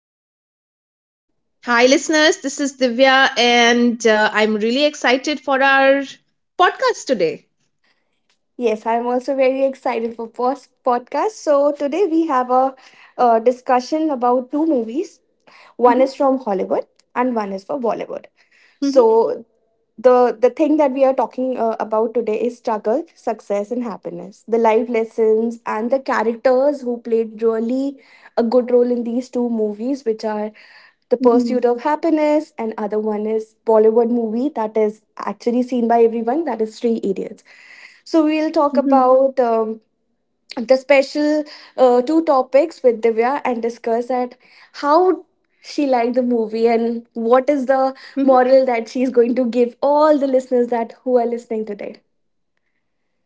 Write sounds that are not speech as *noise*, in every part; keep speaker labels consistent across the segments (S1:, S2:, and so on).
S1: Divya.
S2: Hi, listeners. This is Divya, and I'm really excited for our podcast today.
S1: Yes, I'm also very excited for first podcast. So today we have a discussion about two movies. One
S2: Mhm,
S1: is from Hollywood and one is for Bollywood.
S2: mhm,
S1: So the thing that we are talking about today is struggle, success and happiness, the life lessons and the characters who played really a good role in these two movies, which are the
S2: mhm,
S1: Pursuit of Happiness, and other one is Bollywood movie that is actually seen by everyone, that is Three Idiots. So we'll talk
S2: mhm,
S1: about the special two topics with Divya and discuss at how she liked the movie and what is the
S2: mhm.
S1: moral that she's going to give all the listeners that who are listening today.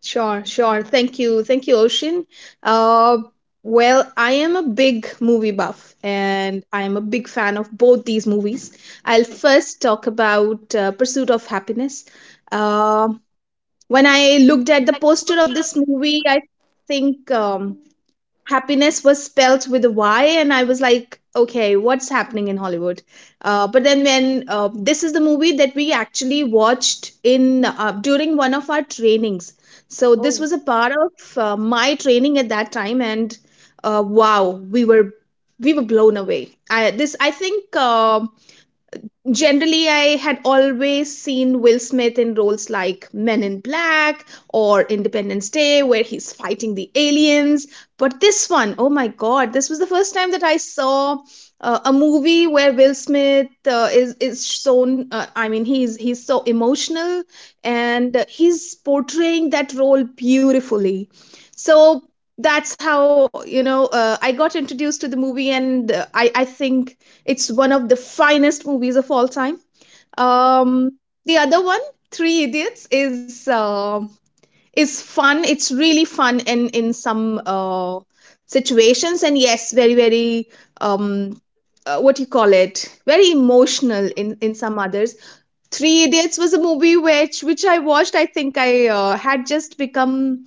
S2: Sure, sure. Thank you. Thank you, Ocean. Uh, well, I am a big movie buff, and I am a big fan of both these movies. I'll first talk about Pursuit of Happiness. Uh, when I looked at the poster of this movie, I think. Happiness was spelt with a Y, and I was like, okay, what's happening in Hollywood? But then when this is the movie that we actually watched in during one of our trainings, so this
S1: Oh,
S2: was a part of my training at that time, and wow, we were blown away. I this I think. Generally, I had always seen Will Smith in roles like Men in Black or Independence Day where he's fighting the aliens. But this one, oh my god, this was the first time that I saw a movie where Will Smith is shown, I mean, he's so emotional and he's portraying that role beautifully. So that's how, I got introduced to the movie, and I think it's one of the finest movies of all time. Um, the other one, Three Idiots, is fun. It's really fun in some situations, and yes, very um, what you call it? Very emotional in some others. Three Idiots was a movie which I watched. I think I had just become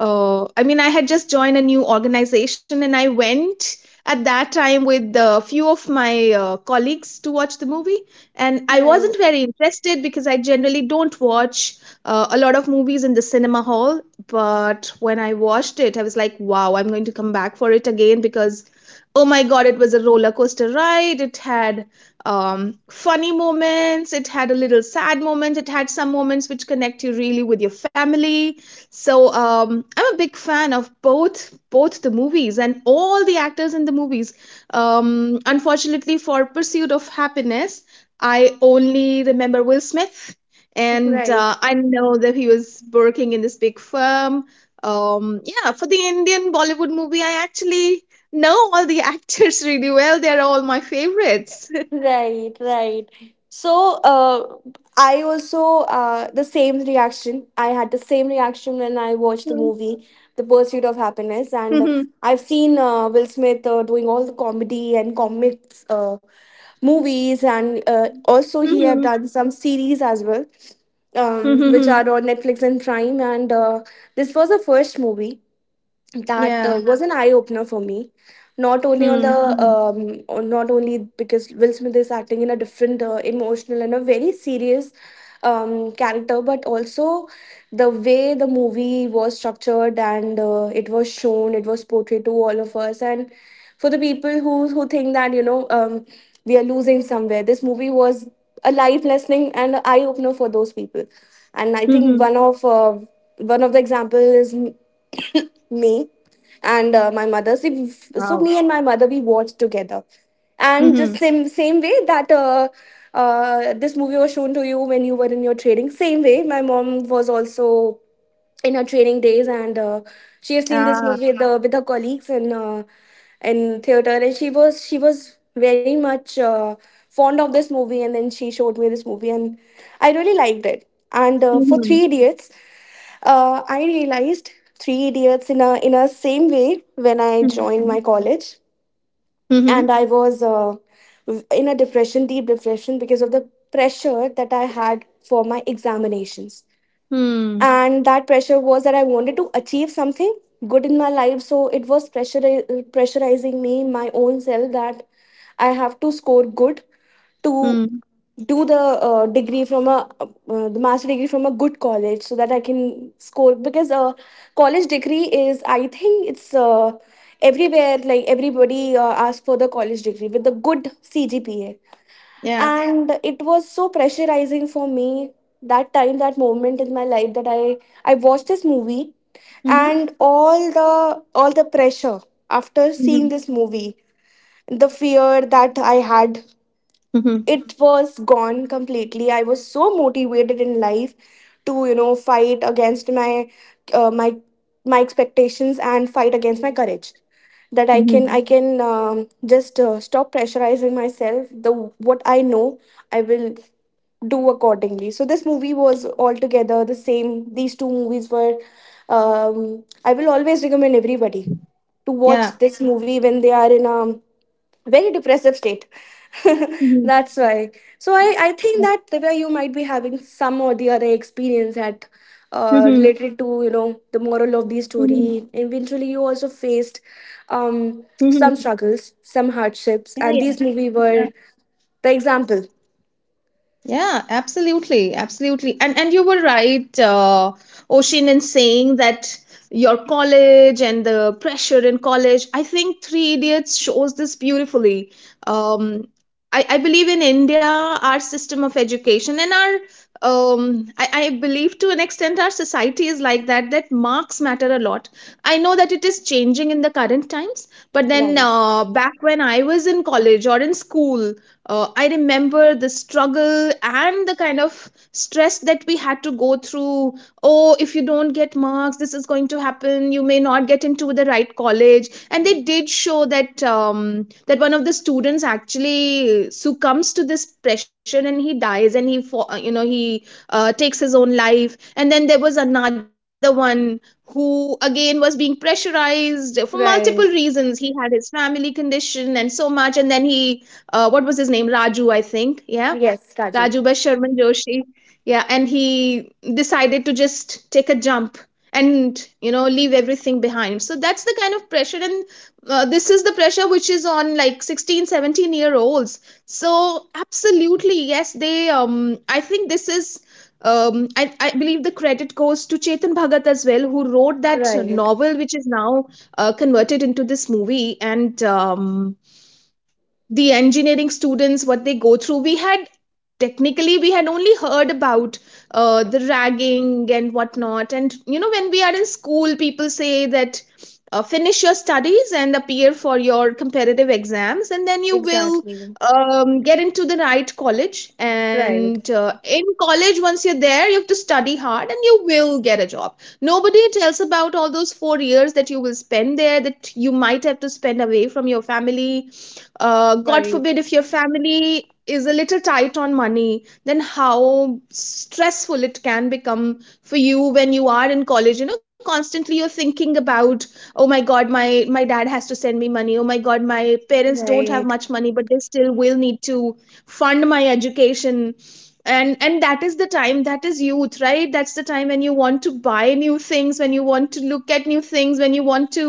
S2: I mean, I had just joined a new organization and I went at that time with a few of my colleagues to watch the movie. And I
S1: right,
S2: wasn't very interested because I generally don't watch a lot of movies in the cinema hall. But when I watched it, I was like, wow, I'm going to come back for it again. Because. Oh my god, it was a roller coaster ride. It had funny moments, it had a little sad moments, it had some moments which connect you really with your family. I'm a big fan of both the movies and all the actors in the movies. Unfortunately, for Pursuit of Happiness, I only remember Will Smith, and
S1: right.
S2: I know that he was working in this big firm. Yeah, for the Indian Bollywood movie, I actually know all the *laughs* actors really well. They're all my favorites. *laughs*
S1: Right, right. So, I also the same reaction. I had the same reaction when I watched the movie, The Pursuit of
S2: Mhm,
S1: Happiness, and I've seen Will Smith doing all the comedy and comics movies, and
S2: mhm,
S1: also he
S2: mhm,
S1: have done some series as well,
S2: mhm,
S1: which
S2: mhm.
S1: are on Netflix and Prime. And This was the first movie that
S2: yeah
S1: was an eye opener for me. Not only on
S2: Hmm,
S1: the
S2: mhm,
S1: on- Not only because Will Smith is acting in a different emotional and a very serious character, but also the way the movie was structured and it was shown, it was portrayed to all of us. And for the people who think that we are losing somewhere, this movie was a life lesson and an eye opener for those people. And I think
S2: mhm.
S1: one of the example is *coughs* me and my mother. So, if- so me
S2: wow
S1: and my mother, we watched together, and the
S2: Mhm.
S1: same way that this movie was shown to you when you were in your training. Same way, my mom was also in her training days, and she had seen this movie
S2: Ah.
S1: with her colleagues in theater, and she was very much fond of this movie, and then she showed me this movie, and I really liked it. And for Three
S2: Mhm.
S1: Idiots, I realized Three Idiots in a same way when I joined my
S2: Mhm.
S1: college, and I
S2: Mhm.
S1: was in a depression, deep depression, because of the pressure that I had for my examinations,
S2: Mm.
S1: and that pressure was that I wanted to achieve something good in my life. So it was pressure pressurizing me, my own self, that I have to score good to
S2: Mm.
S1: do the degree from a the master degree from a good college so that I can score, because a college degree is, I think it's everywhere, like everybody asks for the college degree with the good CGPA,
S2: Yeah.
S1: and it was so pressurizing for me that time, that moment in my life, that I watched this movie, and
S2: Mhm.
S1: all the pressure after seeing this
S2: Mhm.
S1: movie, the fear that I had, it
S2: Mhm.
S1: was gone completely. I was so motivated in life to, you know, fight against my uh, my my expectations and fight against my courage, that I can,
S2: Mhm.
S1: just stop pressurizing myself. The what I know I will do accordingly. So this movie was altogether the same. These two movies were. I will always recommend everybody to watch this
S2: Yeah.
S1: movie when they are in a very depressive state. *laughs* That's
S2: Mhm.
S1: why. So I think that
S2: Yeah.
S1: Divya, you might be having some or the other experience at
S2: Mhm.
S1: related to, you know, the moral of the
S2: Mhm.
S1: story. Eventually, you also faced some
S2: Mhm.
S1: struggles, some hardships,
S2: Yeah,
S1: and these movies
S2: yeah.
S1: were the example.
S2: Yeah, absolutely, absolutely. And you were right, Oshin, in saying that your college and the pressure in college. I think Three Idiots shows this beautifully. Um, I believe in India, our system of education and our I believe, to an extent, our society is like that, that marks matter a lot. I know that it is changing in the current times, but then
S1: Right.
S2: back when I was in college or in school, I remember the struggle and the kind of stress that we had to go through. Oh, if you don't get marks, this is going to happen. You may not get into the right college. And they did show that one of the students actually succumbs to this pressure and he dies, and you know, he takes his own life. And then there was another one who again was being pressurized for multiple
S1: Right.
S2: reasons. He had his family condition and so much, and then he what was his name? Raju, I think. Yeah.
S1: Yes,
S2: Raju
S1: Raju.
S2: by Sharman Joshi. Yeah. And he decided to just take a jump and, you know, leave everything behind. So that's the kind of pressure. And this is the pressure which is on like 16, 17-year olds. So absolutely, yes, I think this is. I believe the credit goes to Chetan Bhagat as well, who wrote that
S1: Right.
S2: novel, which is now converted into this movie. And the engineering students, what they go through, we had technically, we had only heard about the ragging and whatnot. And you know, when we are in school, people say that finish your studies and appear for your competitive exams, and then you will
S1: Exactly.
S2: get into the right college.
S1: Right.
S2: And in college, once you're there, you have to study hard and you will get a job. Nobody tells about all those 4 years that you will spend there, that you might have to spend away from your family. God
S1: Right.
S2: forbid if your family is a little tight on money, then how stressful it can become for you when you are in college. You know, constantly you're thinking about, oh my god, my dad has to send me money, oh my god, my parents don't have
S1: Right.
S2: much money but they still will need to fund my education. And that is the time, that is youth, right? That's the time when you want to buy new things, when you want to look at new things, when you want to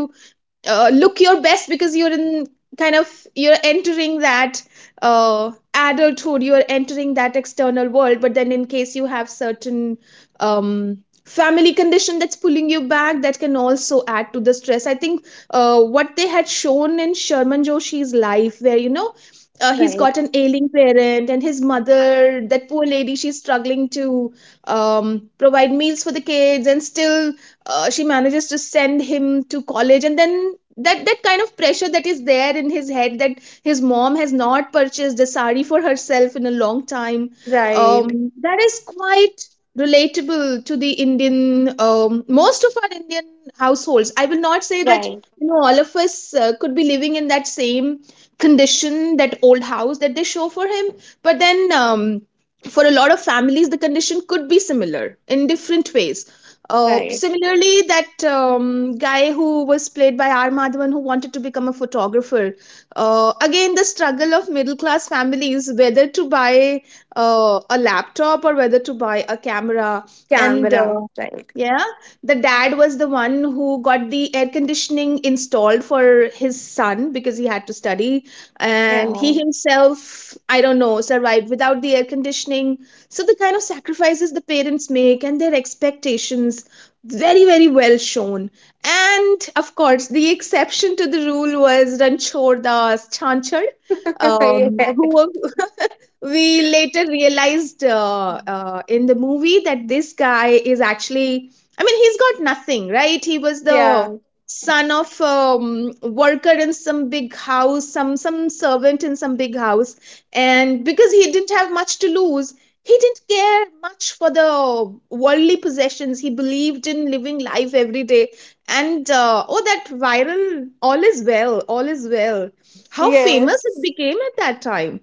S2: look your best because you're in kind of, you're entering that adulthood, you're entering that external world. But then, in case you have certain um, family condition that's pulling you back, that can also add to the stress. I think what they had shown in Sherman Joshi's life, where, you know, he's
S1: Right.
S2: got an ailing parent, and his mother, that poor lady, she's struggling to provide meals for the kids, and still she manages to send him to college. And then that kind of pressure that is there in his head, that his mom has not purchased a sari for herself in a long time.
S1: Right.
S2: That is quite relatable to the Indian, most of our Indian households. I will not say that,
S1: Right.
S2: you know,
S1: Right.
S2: all of us could be living in that same condition, that old house that they show for him, but then for a lot of families the condition could be similar in different ways.
S1: Right.
S2: Similarly, that guy who was played by R. Madhavan, who wanted to become a photographer. Again, the struggle of middle class families, whether to buy a laptop or whether to buy a camera. And
S1: Canberra. Right.
S2: yeah, the dad was the one who got the air conditioning installed for his son because he had to study. And
S1: Yeah.
S2: he himself, I don't know, survived without the air conditioning. So the kind of sacrifices the parents make and their expectations, very very well shown. And of course, the exception to the rule was Ranchor Das Chanchad,
S1: *laughs* yeah.
S2: who we later realized in the movie that this guy is actually, I mean, he's got nothing, right? He was
S1: Yeah.
S2: the son of worker in some big house, some servant in some big house. And because he didn't have much to lose, he didn't care much for the worldly possessions. He believed in living life every day. And oh, that viral "all is well, all is well," how famous it
S1: Yes.
S2: became at that time.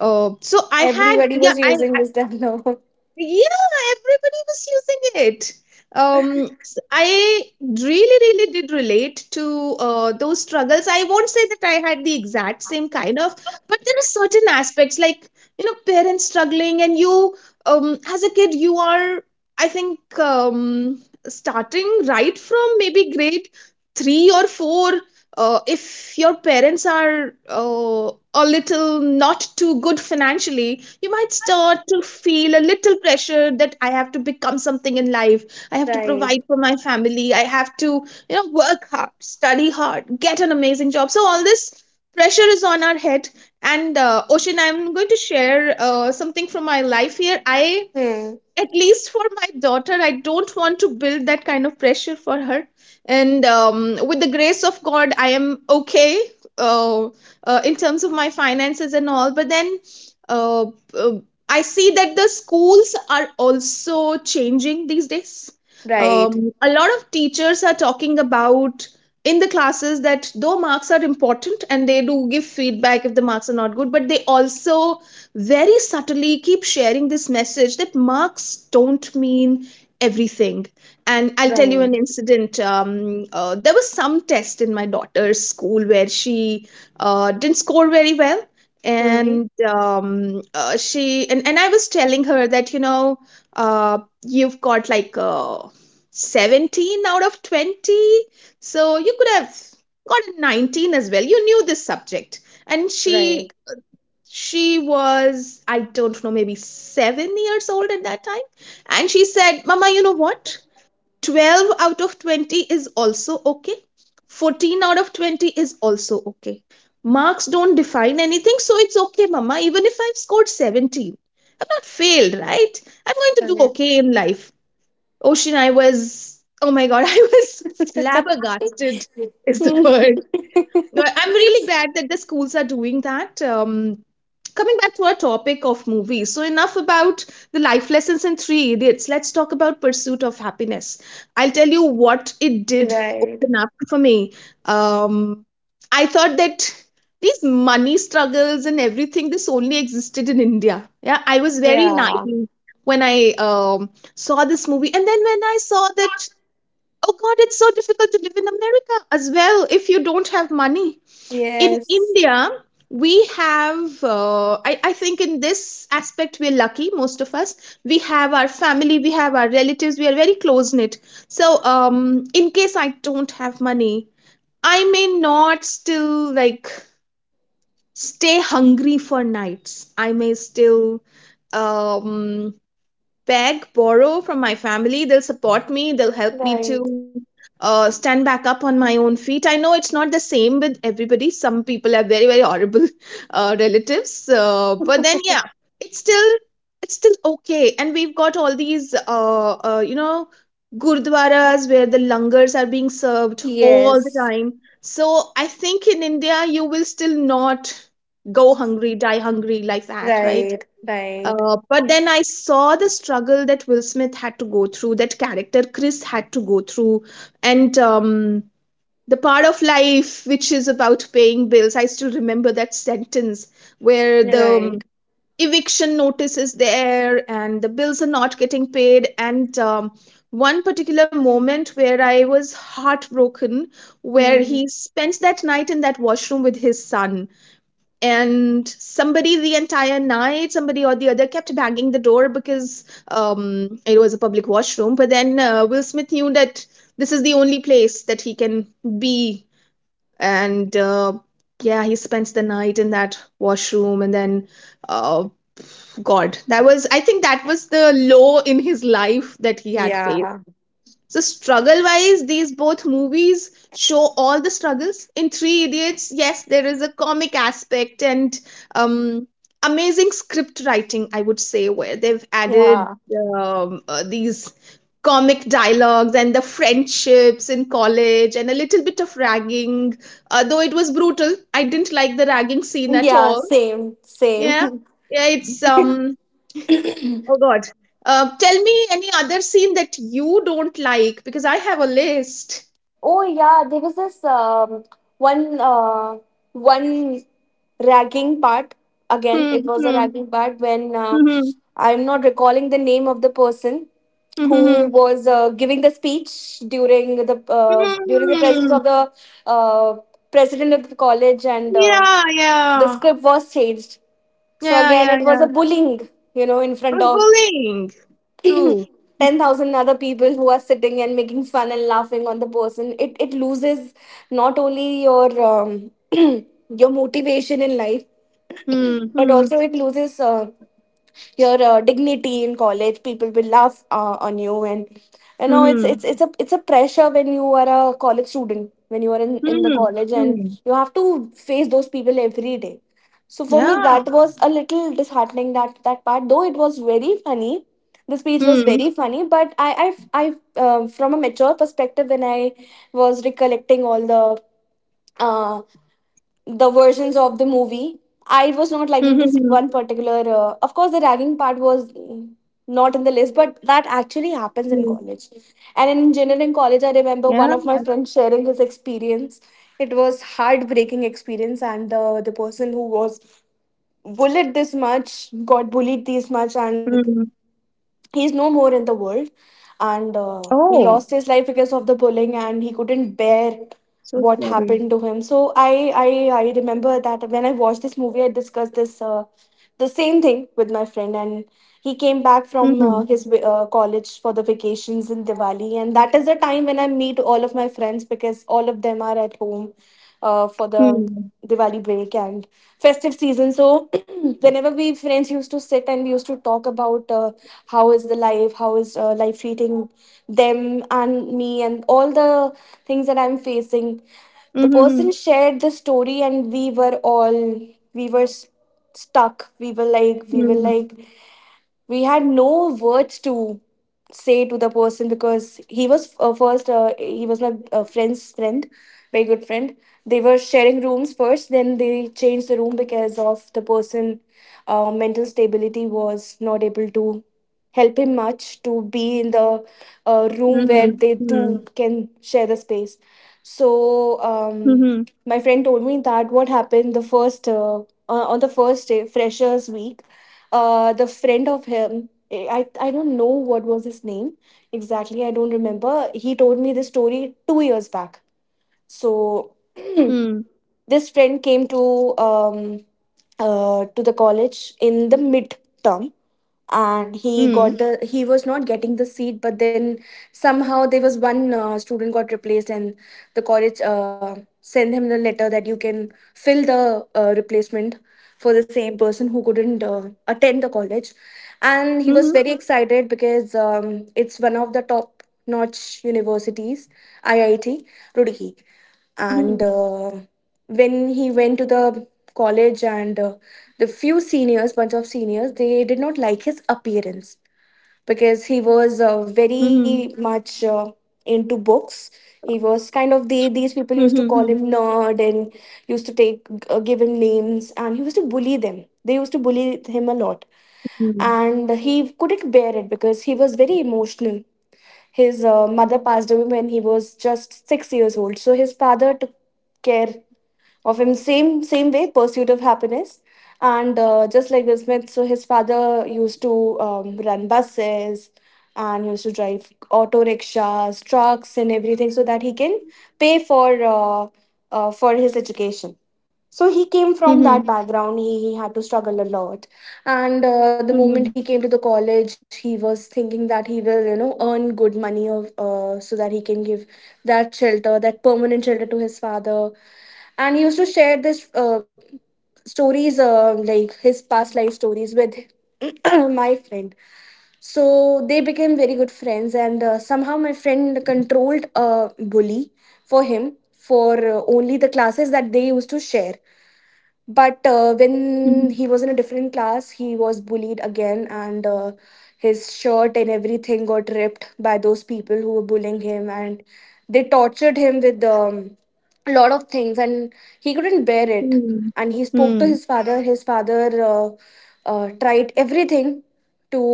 S2: So I had,
S1: Everybody
S2: yeah,
S1: was using
S2: I
S1: this dialogue. *laughs*
S2: yeah, everybody was using it. I really, really did relate to those struggles. I won't say that I had the exact same kind of, but there are certain aspects like, you know, parents struggling, and you, as a kid, you are, I think, um, starting right from maybe grade three or four, if your parents are a little not too good financially, you might start to feel a little pressure that I have to become something in life. I have to
S1: Right.
S2: provide for my family. I have to, you know, work hard, study hard, get an amazing job. So all this pressure is on our head. And Ocean, I'm going to share something from my life here. I,
S1: Hmm.
S2: at least for my daughter, I don't want to build that kind of pressure for her. And with the grace of god, I am okay, uh, in terms of my finances and all. But then uh, uh, I see that the schools are also changing these days.
S1: Right.
S2: A lot of teachers are talking about in the classes that though marks are important, and they do give feedback if the marks are not good, but they also very subtly keep sharing this message that marks don't mean everything. And I'll tell you an
S1: Right.
S2: incident. There was some test in my daughter's school where she didn't score very well.
S1: Hmm.
S2: And I was telling her that uh, you've got like 17 out of 20, so you could have got a 19 as well. You knew this subject, and
S1: Right.
S2: she was, I don't know, maybe 7 years old at that time, and she said, "Mama, you know what? 12 out of 20 is also okay, 14 out of 20 is also okay. Marks don't define anything, so it's okay, mama, even if I've scored 17, I've not failed, right? I'm going to do
S1: Right. *laughs*
S2: okay in life." Ocean, I was, oh my god, *laughs* I was flabbergasted is the
S1: Hmm.
S2: word. No,
S1: *laughs*
S2: I'm really glad that the schools are doing that. Coming back to our topic of movies, so enough about the life lessons in Three Idiots, let's talk about Pursuit of Happiness. I'll tell you what it did
S1: right.
S2: open up for me. um, I thought that these money struggles and everything, this only existed in India. Yeah, I was very
S1: Yeah.
S2: naive when I um, saw this movie, and then when I saw that, oh god, it's so difficult to live in America as well if you don't have money. In
S1: Yes.
S2: India, we have, I think in this aspect, we're lucky, most of us. We have our family, we have our relatives, we are very close knit. So, in case I don't have money, I may not still like stay hungry for nights. I may still um beg, borrow from my family. They'll support me. They'll help me
S1: Right.
S2: to stand back up on my own feet. I know it's not the same with everybody. Some people are very, very horrible *laughs* relatives. But then, yeah, it's still, it's still okay. And we've got all these, gurdwaras where the langars are being served all the
S1: Yes.
S2: time. So I think in India, you will still not go hungry, die hungry like that, right?
S1: Right, right,
S2: But then I saw the struggle that Will Smith had to go through, that character Chris had to go through, and the part of life which is about paying bills. I still remember that sentence where the
S1: right.
S2: eviction notice is there and the bills are not getting paid. And one particular moment where I was heartbroken, where
S1: Hmm.
S2: he spent that night in that washroom with his son, and somebody, the entire night, somebody or the other kept banging the door because it was a public washroom, but then Will Smith knew that this is the only place that he can be. And yeah, he spends the night in that washroom, and then uh, god, that was, I think that was the low in his life that he had faced.
S1: Yeah,
S2: So struggle wise, these both movies show all the struggles. In Three Idiots, yes, there is a comic aspect and um, amazing script writing, I would say, where they've added
S1: yeah,
S2: these comic dialogues and the friendships in college and a little bit of ragging. Though it was brutal, I didn't like the ragging scene at
S1: yeah.
S2: all.
S1: Same,
S2: Yeah,
S1: same.
S2: yeah, it's
S1: *laughs*
S2: um oh god. Tell me any other scene that you don't like because I have a list.
S1: Oh yeah, there was this one uh, one ragging part. Again,
S2: Hmm.
S1: it was a
S2: Hmm.
S1: ragging part when,
S2: Hmm.
S1: I'm not recalling the name of the person
S2: Hmm.
S1: who
S2: Hmm.
S1: was giving the speech
S2: Hmm.
S1: during the
S2: Hmm.
S1: presence
S2: Hmm.
S1: of the uh, president of the college. And
S2: Yeah.
S1: the
S2: Yeah.
S1: script was changed. So
S2: Yeah.
S1: again,
S2: Yeah.
S1: it was a
S2: Yeah.
S1: bullying, you know, in front
S2: But
S1: of
S2: bullying. True.
S1: *clears throat* 10,000 other people who are sitting and making fun and laughing on the person. It loses not only your *clears throat* your motivation in life,
S2: Hmm.
S1: *clears throat* but
S2: Hmm.
S1: also it loses your dignity in college. People will laugh on you, and you know, it's it's
S2: Hmm.
S1: it's a it's a pressure when you are a college student, when you are in the
S2: Hmm.
S1: college,
S2: Hmm.
S1: and
S2: Hmm.
S1: you have to face those people every day. So for me,
S2: Yeah.
S1: that was a little disheartening, that that part, though it was very funny, the speech was
S2: Hmm.
S1: very funny, but I from a mature perspective, when I was recollecting all uh, the versions of the movie, I
S2: Hmm.
S1: was
S2: Hmm.
S1: not
S2: Hmm.
S1: liking this one particular. Of course, the ragging part was not in the list,
S2: Hmm.
S1: but that actually happens in college. And in
S2: Yeah.
S1: engineering college, I remember one of my friends sharing his experience. It was heartbreaking experience, and the person who was bullied this much, got bullied
S2: Hmm.
S1: this much, and he's no more in the world, and
S2: Oh.
S1: he lost his life because of the bullying, and he couldn't bear
S2: So sorry.
S1: what happened to him. So I remember that when I watched this movie, I discussed this, the same thing with my friend, and he came back
S2: Hmm.
S1: from his college for the vacations in Diwali, and that is the time when I meet all of my friends, because all of them are at home for
S2: Hmm.
S1: the Diwali break and festive season. So *clears throat* whenever we friends used to sit, and we used to talk about how is the life, how is life treating them and me, and all the things that I'm facing.
S2: Hmm.
S1: The
S2: Hmm.
S1: person shared the story and we were all we were s- stuck. We were like we were
S2: Hmm.
S1: like we had no words to say to the person, because he was first he was my friend's friend, very good friend. They were sharing rooms first, then they changed the room because of the person mental stability was not able to help him much to be in the
S2: Hmm. Hmm.
S1: room where they two can share the space.
S2: Hmm. Hmm.
S1: So my friend told me that what happened the first on the first day, freshers week, the friend of him, I don't know what was his name exactly, I don't remember. He told me this story 2 years back.
S2: Hmm.
S1: So *clears throat* this friend came um to the college in the mid term,
S2: Hmm. Hmm.
S1: and he got the, he was not getting the seat, but then somehow there was one student got replaced, and the college sent him the letter that you can fill the replacement for the same person who couldn't attend the college.
S2: Mhm.
S1: And he was very excited because it's one of the top notch universities, IIT
S2: Mhm.
S1: Roorkee. And when he went to the college, and the few seniors bunch of seniors, they did not like his appearance
S2: Mhm.
S1: because he was very much into books. He was
S2: Mhm.
S1: kind
S2: Mhm.
S1: of the, these people used to call him nerd and used to take give him names, and he used to bully them. They used to bully
S2: Mhm.
S1: him a lot, and he couldn't bear it because he was very emotional. His mother passed away when he was just 6 years old, so his father took care of him same same way, Pursuit of Happiness, and just like this Smith. So his father used to run buses and used to drive auto rickshaws, trucks, and everything so that he can pay uh, for his education. So he
S2: Mhm.
S1: came from that background. He had to struggle a lot, and
S2: Mhm.
S1: the moment he came to the college, he was thinking that he will, you know, earn good money of so that he can give that shelter, that permanent shelter, to his father. And he used to share this stories, like his past life stories with *clears throat* my friend. So they became very good friends, and somehow my friend controlled a bully for him for only the classes that they used to share. But
S2: Mhm.
S1: when he was in a different class, he was bullied again, and his shirt and everything got ripped by those people who were bullying him, and they tortured him with a lot of things, and he couldn't bear it.
S2: Mhm.
S1: And he
S2: Mhm.
S1: spoke to his father. His father tried everything to,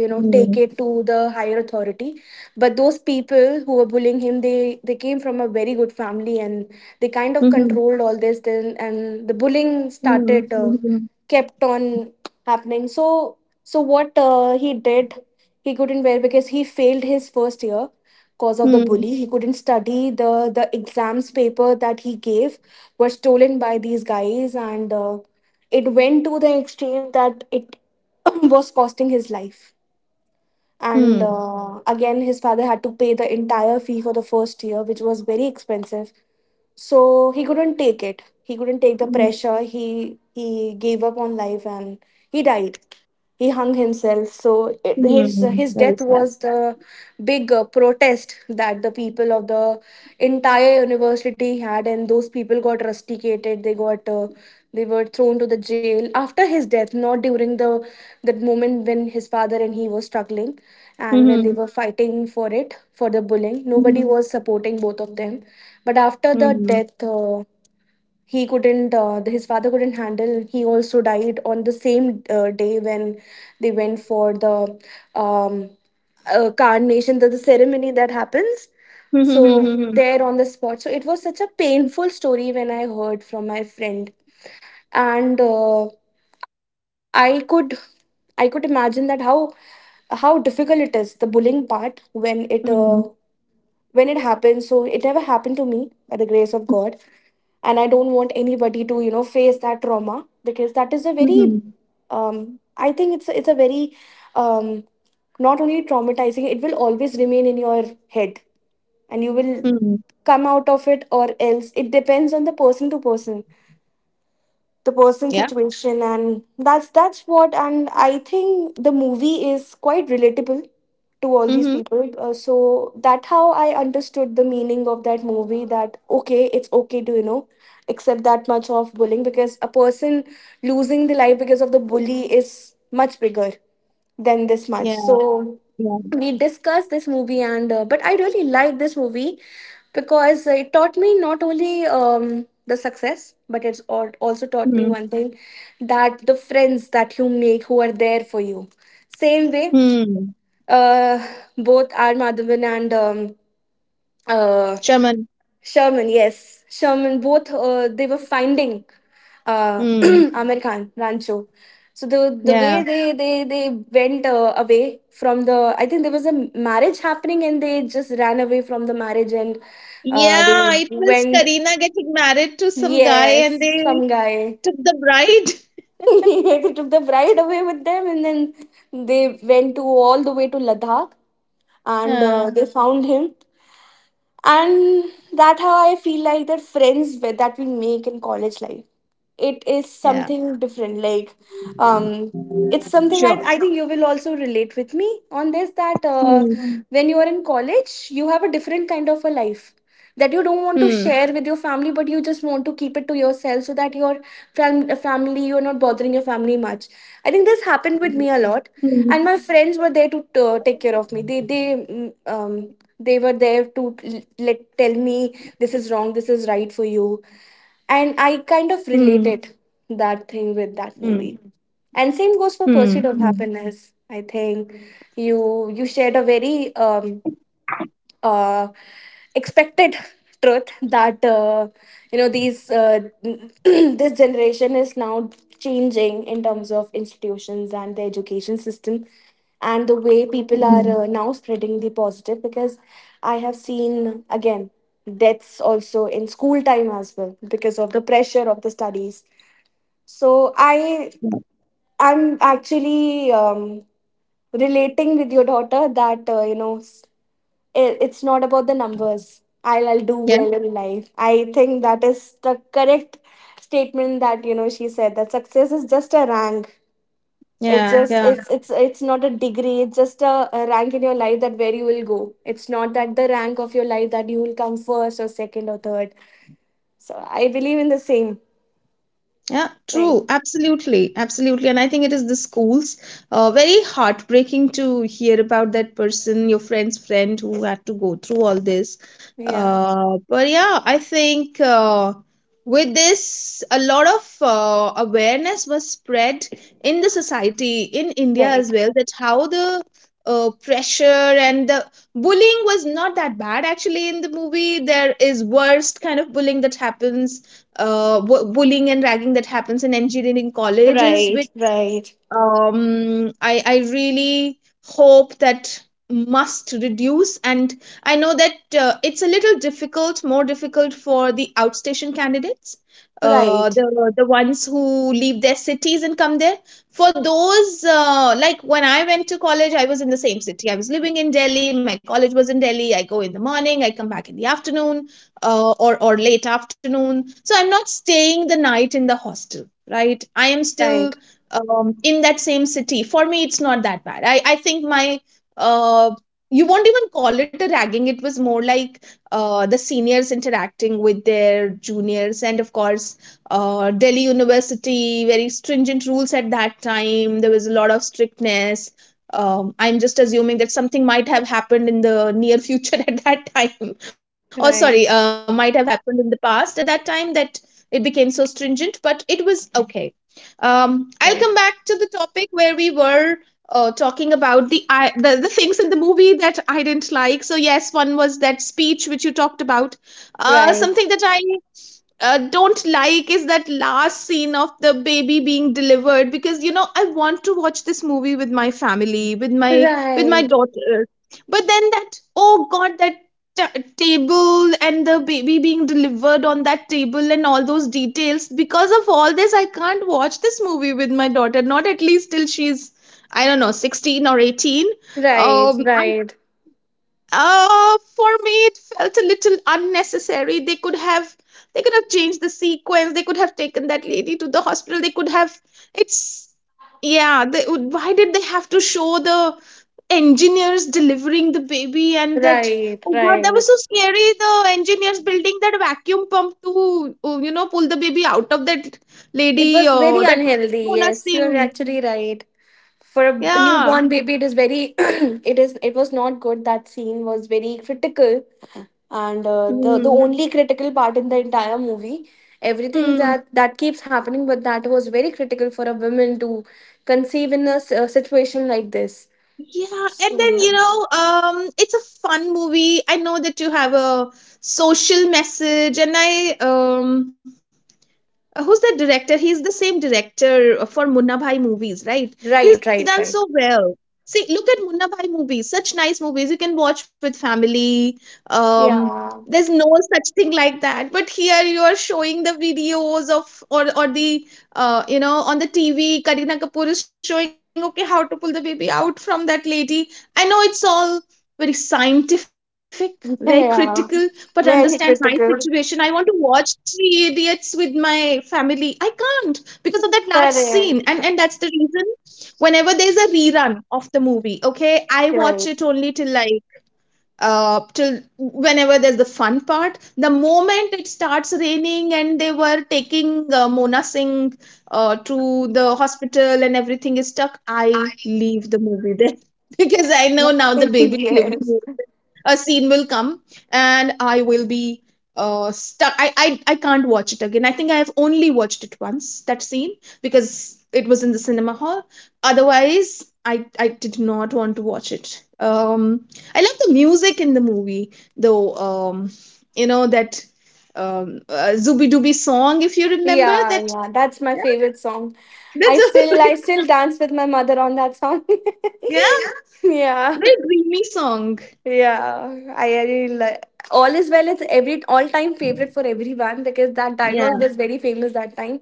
S1: you know,
S2: Mhm.
S1: take it to the higher authority. But those people who were bullying him, they came from a very good family, and they kind of
S2: Mhm.
S1: controlled all this. Then and the bullying started,
S2: Mhm.
S1: kept on happening. So so what he did, he couldn't wear because he failed his first year. Cause of the
S2: Mhm.
S1: bully, he couldn't study. The exams paper that he gave were stolen by these guys, and it went to the extreme that it *laughs* *clears throat* was costing his life. And again, his father had to pay the entire fee for the first year, which was very expensive. So he couldn't take it. He couldn't take the
S2: Mhm.
S1: pressure. He gave up on life, and he died. He hung himself. So it,
S2: Mhm. Mhm.
S1: his
S2: Very
S1: death
S2: sad.
S1: was the big protest that the people of the entire university had, and those people got rusticated. They got they were thrown to the jail after his death, not during the that moment when his father and he were struggling and when they were
S2: Mhm.
S1: fighting for it. For the bullying,
S2: Mhm.
S1: nobody was supporting both of them. But after the
S2: Mhm.
S1: death, he couldn't. His father couldn't handle. He also died on the same day when they went for the um, carnation, the ceremony that happens.
S2: Mhm.
S1: So
S2: Mhm.
S1: there on the spot. So it was such a painful story when I heard from my friend, and I could, I could imagine that how difficult it is, the bullying part,
S2: Mhm.
S1: when it happens. So it never happened to me, by the grace of God, and I don't want anybody to, you know, face that trauma, because that is a very
S2: Mhm.
S1: um I think it's a very um not only traumatizing, it will always remain in your head, and you will
S2: Mhm.
S1: come out of it, or else it depends on the person to person, the person's
S2: Yeah.
S1: situation. And that's what. And I think the movie is quite relatable to all these
S2: Mm-hmm.
S1: people, so that how I understood the meaning of that movie, that okay, it's okay to, you know, accept that much of bullying, because a person losing the life because of the bully is much bigger than this much.
S2: Yeah.
S1: So
S2: Yeah.
S1: we discussed this movie, and but I really like this movie because it taught me not only the success, but it's al- also taught me one thing: that the friends that you make, who are there for you, same way,
S2: Mm-hmm.
S1: uh, both R Madhavan and uh,
S2: Shaman.
S1: Sherman, yes. Sherman, both they were finding uh, *clears throat*
S2: Mm.
S1: Amir Khan, Rancho. So the
S2: Yeah.
S1: way they went away from the, I think there was a marriage happening, and they just ran away from the marriage, and they
S2: Yeah. It was
S1: went.
S2: Karina getting married to some guy, and
S1: Yes,
S2: they
S1: some guy.
S2: took the bride. *laughs*
S1: *laughs* They took the bride away with them, and then they went to all the way to Ladakh, and
S2: Yeah.
S1: they found him. And that how I feel like the friends with, that we make in college life, it is
S2: Yeah,
S1: something different, like um it's
S2: sure.
S1: something I think you will also relate with me on this, that
S2: Hmm.
S1: Mm, when you are in college, you have a different kind of a life that you don't want to
S2: Hmm.
S1: share with your family, but you just want to keep it to yourself, so that your family, you're not bothering your family much. I think this happened with
S2: Hmm.
S1: me a lot, and my friends were there to take care of me. They they were there to let tell me this is wrong, this is right for you. And I
S2: Hmm.
S1: kind of related that thing
S2: Hmm.
S1: with that movie, and same goes
S2: Hmm.
S1: for
S2: Hmm.
S1: Pursuit of Happiness. I think you you shared a very uh expected truth that you know, these *clears throat* this generation is now changing in terms of institutions and the education system, and the way people
S2: Hmm.
S1: are now spreading the positive. Because I have seen again deaths also in school time as well, because of the pressure of the studies. So I'm actually relating with your daughter, that you know, it, it's not about the numbers. I'll do
S2: Yeah,
S1: well in life. I think that is the correct statement, that you know, she said that success is just a rank. It's
S2: yeah,
S1: just
S2: yeah.
S1: it's not a degree. It's just a rank in your life, that where you will go. It's not that the rank of your life that you will come first or second or third. So I believe in the same
S2: Yeah, true.
S1: thing.
S2: Absolutely. Absolutely. And I think it is the schools. Very heartbreaking to hear about that person, your friend's friend who had to go through all this.
S1: Yeah.
S2: But yeah, I think with this, a lot of awareness was spread in the society, in India
S1: Right.
S2: as well, that how the pressure and the bullying was not that bad actually in the movie. There is worst kind of bullying that happens, bullying and ragging that happens in engineering college is
S1: Right. Right.
S2: I really hope that must reduce. And I know that it's a little difficult, more difficult for the outstation candidates, uh,
S1: Right.
S2: the the ones who leave their cities and come there. For those, like when I went to college, I was in the same city, I was living in Delhi, my college was in Delhi, I go in the morning, I come back in the afternoon, or late afternoon, so I'm not staying the night in the hostel, right? I am
S1: Right.
S2: still
S1: Right.
S2: in that same city. For me, it's not that bad. I think my, uh, you won't even call it a ragging. It was more like the seniors interacting with their juniors. And of course, Delhi University, very stringent rules at that time. There was a lot of strictness. I'm just assuming that something might have happened in the near future *laughs* at that time. Or, sorry,
S1: Right.
S2: might have happened in the past at that time that it became so stringent, but it was okay. I'll come back
S1: Right.
S2: to the topic where we were talking about the, the things in the movie that I didn't like. So yes, one was that speech which you talked about. Something that I don't like is that last scene of the baby being delivered, because you know I want to watch this movie with my family, with my
S1: Right.
S2: daughter, but then that, oh god, table and the baby being delivered on that table and all those details, because of all this I can't watch this movie with my daughter, not at least till she's, I don't know, 16 or 18.
S1: Right.
S2: I'm
S1: Right.
S2: For me, it felt a little unnecessary. They could have, they could have changed the sequence. They could have taken that lady to the hospital. They could have, it's, yeah. They would- why did they have to show the engineers delivering the baby and that?
S1: Right.
S2: Oh god, that was
S1: Right,
S2: so scary. The engineers building that vacuum pump to, you know, pull the baby out of that
S1: It
S2: lady.
S1: was very
S2: That
S1: unhealthy.
S2: Mona
S1: Yes, you're
S2: Singh.
S1: actually right. For a
S2: Yeah.
S1: newborn baby, it is very. *clears throat* It is. It was not good. That scene was very critical, and the
S2: Hmm.
S1: only critical part in the entire movie. Everything
S2: Hmm.
S1: that that keeps happening, but that was very critical for a woman to conceive in a, a situation like this.
S2: Yeah, and
S1: So,
S2: then, you
S1: yeah.
S2: know, it's a fun movie. I know that you have a social message, and I, who's that director? He's the same director for Munna Bhai movies, right?
S1: Right,
S2: He's done
S1: right,
S2: so
S1: right.
S2: well. See, look at Munna Bhai movies. Such nice movies you can watch with family. Um,
S1: Yeah,
S2: there's no such thing like that. But here you are showing the videos of, or the, you know, on the TV. Karina Kapoor is showing okay how to pull the baby out from that lady. I know it's all very scientific, very critical,
S1: *laughs*
S2: but
S1: yeah.
S2: understand my
S1: Very
S2: situation. I want to
S1: critical.
S2: watch Three Idiots with my family. I can't because of that last scene, and
S1: Correct.
S2: that's the reason. Whenever there's a rerun of the movie, okay, I watch it
S1: Right.
S2: only till like till whenever there's the fun part. The moment it starts raining and they were taking Mona Singh to the hospital and everything is stuck, I leave the movie there *laughs* because I know now the
S1: *laughs*
S2: baby delivery
S1: Yes.
S2: a scene will come and I will be stuck. I can't watch it again. I think I have only watched it once, that scene, because it was in the cinema hall. Otherwise, I did not want to watch it. I love the music in the movie, though, you know, that Zooby Dooby song, if you remember
S1: Yeah,
S2: that. *laughs*
S1: yeah, that's my
S2: Yeah,
S1: favorite song.
S2: that's a
S1: I
S2: *laughs*
S1: still dance with my mother on that song.
S2: yeah,
S1: *laughs* yeah.
S2: very dreamy song.
S1: Yeah. I really all is well, it's every all time favorite for everyone, because that
S2: Yeah,
S1: dialogue was very famous that time,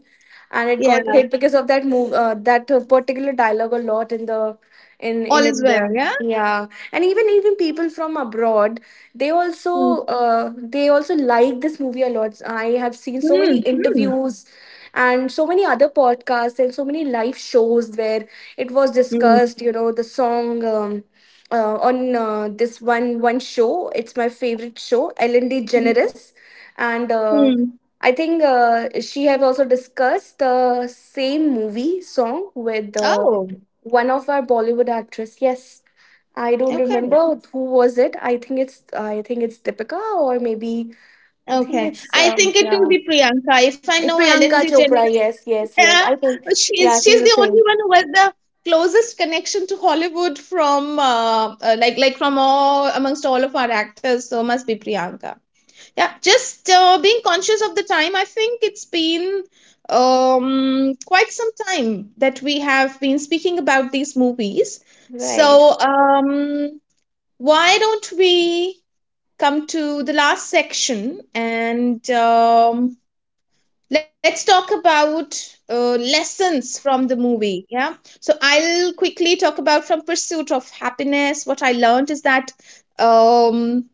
S1: and it
S2: yeah.
S1: got hit because of that move, that particular dialogue, a lot in the
S2: All
S1: in
S2: is well.
S1: India.
S2: Yeah.
S1: Yeah, and even people from abroad, they also
S2: Mm.
S1: they also like this movie a lot. I have seen so many
S2: Mm. Mm.
S1: interviews and so many other podcasts and so many live shows where it was
S2: Mm.
S1: discussed. You know, the song. On this one show, it's my favorite show, Ellen DeGeneres, and
S2: Hmm.
S1: I think she have also discussed the same movie song with
S2: Oh,
S1: one of our Bollywood actress. Yes, I don't
S2: okay,
S1: remember who was it. I think it's Deepika, or maybe I think
S2: okay.
S1: it's
S2: I think it
S1: yeah.
S2: will be Priyanka. If I
S1: Eh,
S2: know Ellen
S1: Priyanka Chopra.
S2: DeGeneres,
S1: Yes,
S2: *laughs*
S1: yes, yes.
S2: yeah,
S1: I think yeah,
S2: she's
S1: she's
S2: she's
S1: the
S2: the only
S1: same.
S2: one who has the closest connection to Hollywood from, like from all, amongst all of our actors. So must be Priyanka. Yeah, just being conscious of the time. I think it's been quite some time that we have been speaking about these movies.
S1: Right,
S2: So why don't we come to the last section, and let's talk about lessons from the movie. Yeah. So I'll quickly talk about from Pursuit of Happiness. What I learned is that um,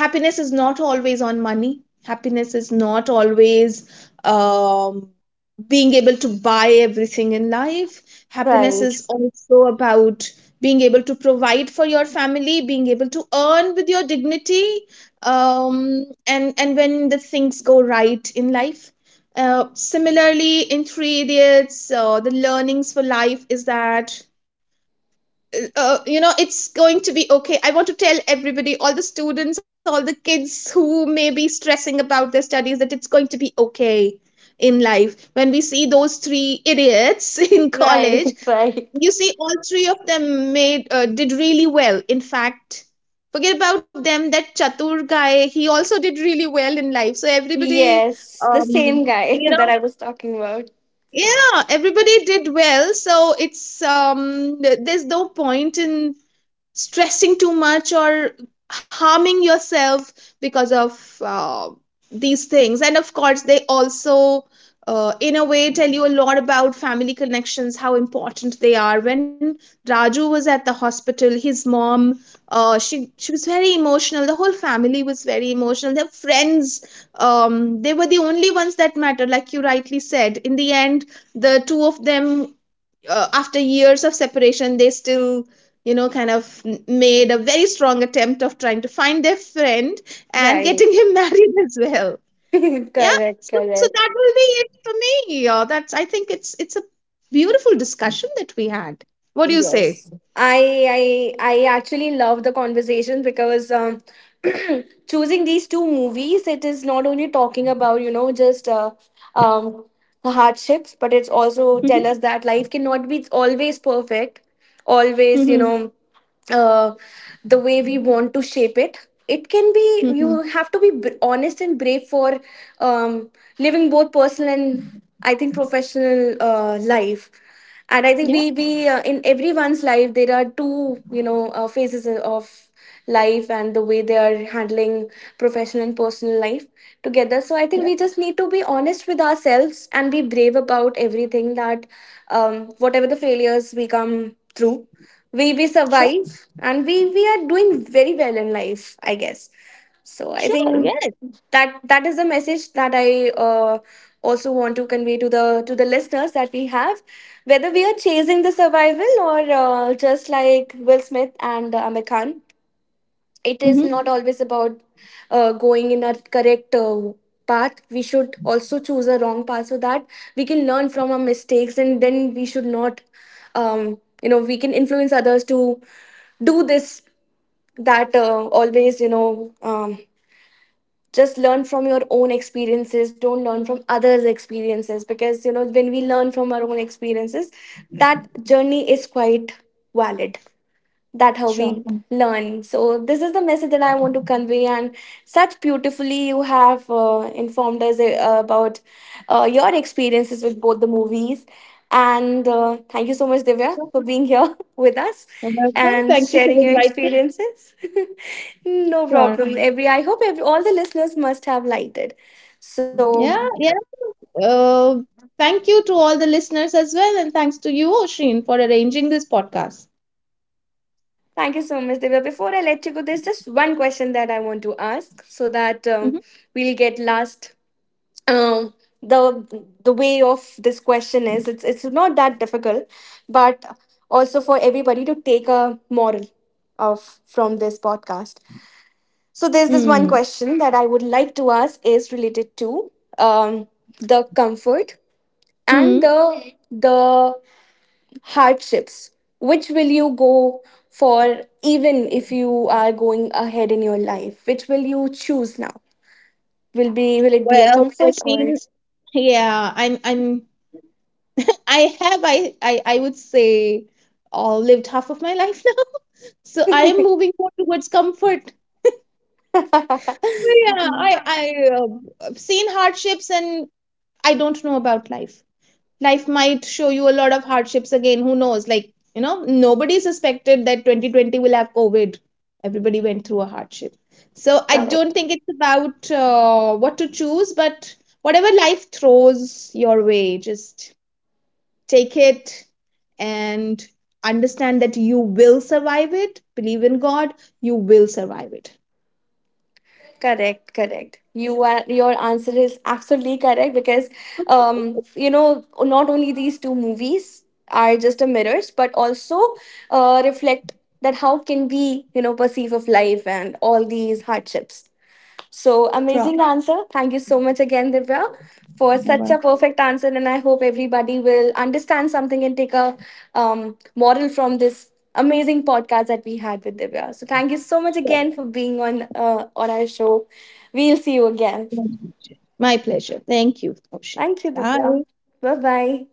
S2: happiness is not always on money, happiness is not always um, being able to buy everything in life. Happiness
S1: right,
S2: is also about being able to provide for your family, being able to earn with your dignity, and when the things go right in life. Uh, similarly in Three Idiots, the learnings for life is that, you know, it's going to be okay. I want to tell everybody, all the students, all the kids who may be stressing about their studies that it's going to be okay in life. When we see those three idiots *laughs* in
S1: right,
S2: college,
S1: *laughs*
S2: you
S1: right.
S2: see all three of them made, did really well. In fact, forget about them, that Chatur guy, he also did really well in life. So everybody,
S1: Yes, the
S2: um
S1: same guy *laughs*
S2: you
S1: that
S2: know
S1: I was talking about.
S2: yeah, everybody did well. So it's, there's no point in stressing too much or harming yourself because of these things. And of course, they also in a way tell you a lot about family connections, how important they are. When Raju was at the hospital, his mom, she was very emotional, the whole family was very emotional, their friends, they were the only ones that mattered. Like you rightly said, in the end, the two of them, after years of separation, they still, you know, kind of made a very strong attempt of trying to find their friend and
S1: Right.
S2: getting him *laughs* married as well.
S1: *laughs*
S2: Yeah,
S1: Correct,
S2: so, so
S1: correct.
S2: that will be it for me. Yeah, that's, I think it's a beautiful discussion that we had. What do you say?
S1: I actually love the conversation, because *clears throat* choosing these two movies, it is not only talking about, you know, just um, the hardships, but it's also tell
S2: Mm-hmm.
S1: us that life cannot be always perfect, always, you
S2: Mm-hmm.
S1: know, uh, the way we want to shape it. It can be
S2: Mm-hmm.
S1: you have to be honest and brave for um, living both personal and I think professional life. And I think
S2: Yeah.
S1: we in everyone's life, there are two, you know, phases of life, and the way they are handling professional and personal life together. So I think we just need to be honest with ourselves and be brave about everything, that whatever the failures we come through, we
S2: Sure.
S1: survive, and we are doing very well in life, I guess. So I
S2: Sure.
S1: think
S2: Yeah.
S1: that that is the message that I uh, also want to convey to the listeners that we have: whether we are chasing the survival, or just like Will Smith and Amir Khan, it is
S2: Mm-hmm.
S1: not always about going in a correct path. We should also choose a wrong path, so that we can learn from our mistakes, and then we should not you know, we can influence others to do this, that always, you know, um, just learn from your own experiences. Don't learn from others experiences, because you know, when we learn from our own experiences, that journey is quite valid, that how
S2: Sure.
S1: we learn. So this is the message that I want to convey. And such beautifully you have informed us about your experiences with both the movies, and thank you so much, Divya,
S2: Sure.
S1: for being here *laughs* with us
S2: You're welcome,
S1: and
S2: thank you for
S1: sharing your
S2: inviting.
S1: experiences. *laughs* No
S2: Sure.
S1: problem. Every I hope every, all the listeners must have liked it. So
S2: Yeah, yeah. Uh, thank you to all the listeners as well, and thanks to you, Oshin, for arranging this podcast.
S1: thank you so much, Divya, before I let you go. There's just one question that I want to ask, so that we'll
S2: Hmm.
S1: get last, um the way of this question is it's not that difficult, but also for everybody to take a moral of from this podcast. So there's this one
S2: Hmm.
S1: question that I would like to ask, is related to um the comfort and
S2: Hmm.
S1: the hardships, which will you go for. Even if you are going ahead in your life, which will you choose now, will be will it be a
S2: Well,
S1: comfort or
S2: Oshin, yeah, I'm, I have, I would say, lived half of my life now. *laughs* So I am moving more towards comfort. Well, yeah,
S1: *laughs*
S2: I've seen hardships, and I don't know about life. Life might show you a lot of hardships again. Who knows? Like, you know, nobody suspected that 2020 will have COVID. Everybody went through a hardship. So I don't
S1: correct,
S2: think it's about what to choose, but whatever life throws your way, just take it and understand that you will survive it. Believe in God, you will survive it.
S1: correct. Correct, you are your answer is absolutely correct because um you know, not only these two movies are just a mirrors, but also reflect that how can we, you know, perceive of life and all these hardships. So
S2: Sure.
S1: amazing answer. Thank you so much again, Divya, for
S2: Yeah,
S1: such a
S2: well.
S1: perfect answer. And I hope everybody will understand something and take a moral from this amazing podcast that we had with Divya. So thank you so much again for being on our show. We'll see you again.
S2: My pleasure. Thank you, Oshin.
S1: Thank you, Divya.
S2: Bye.
S1: Bye bye.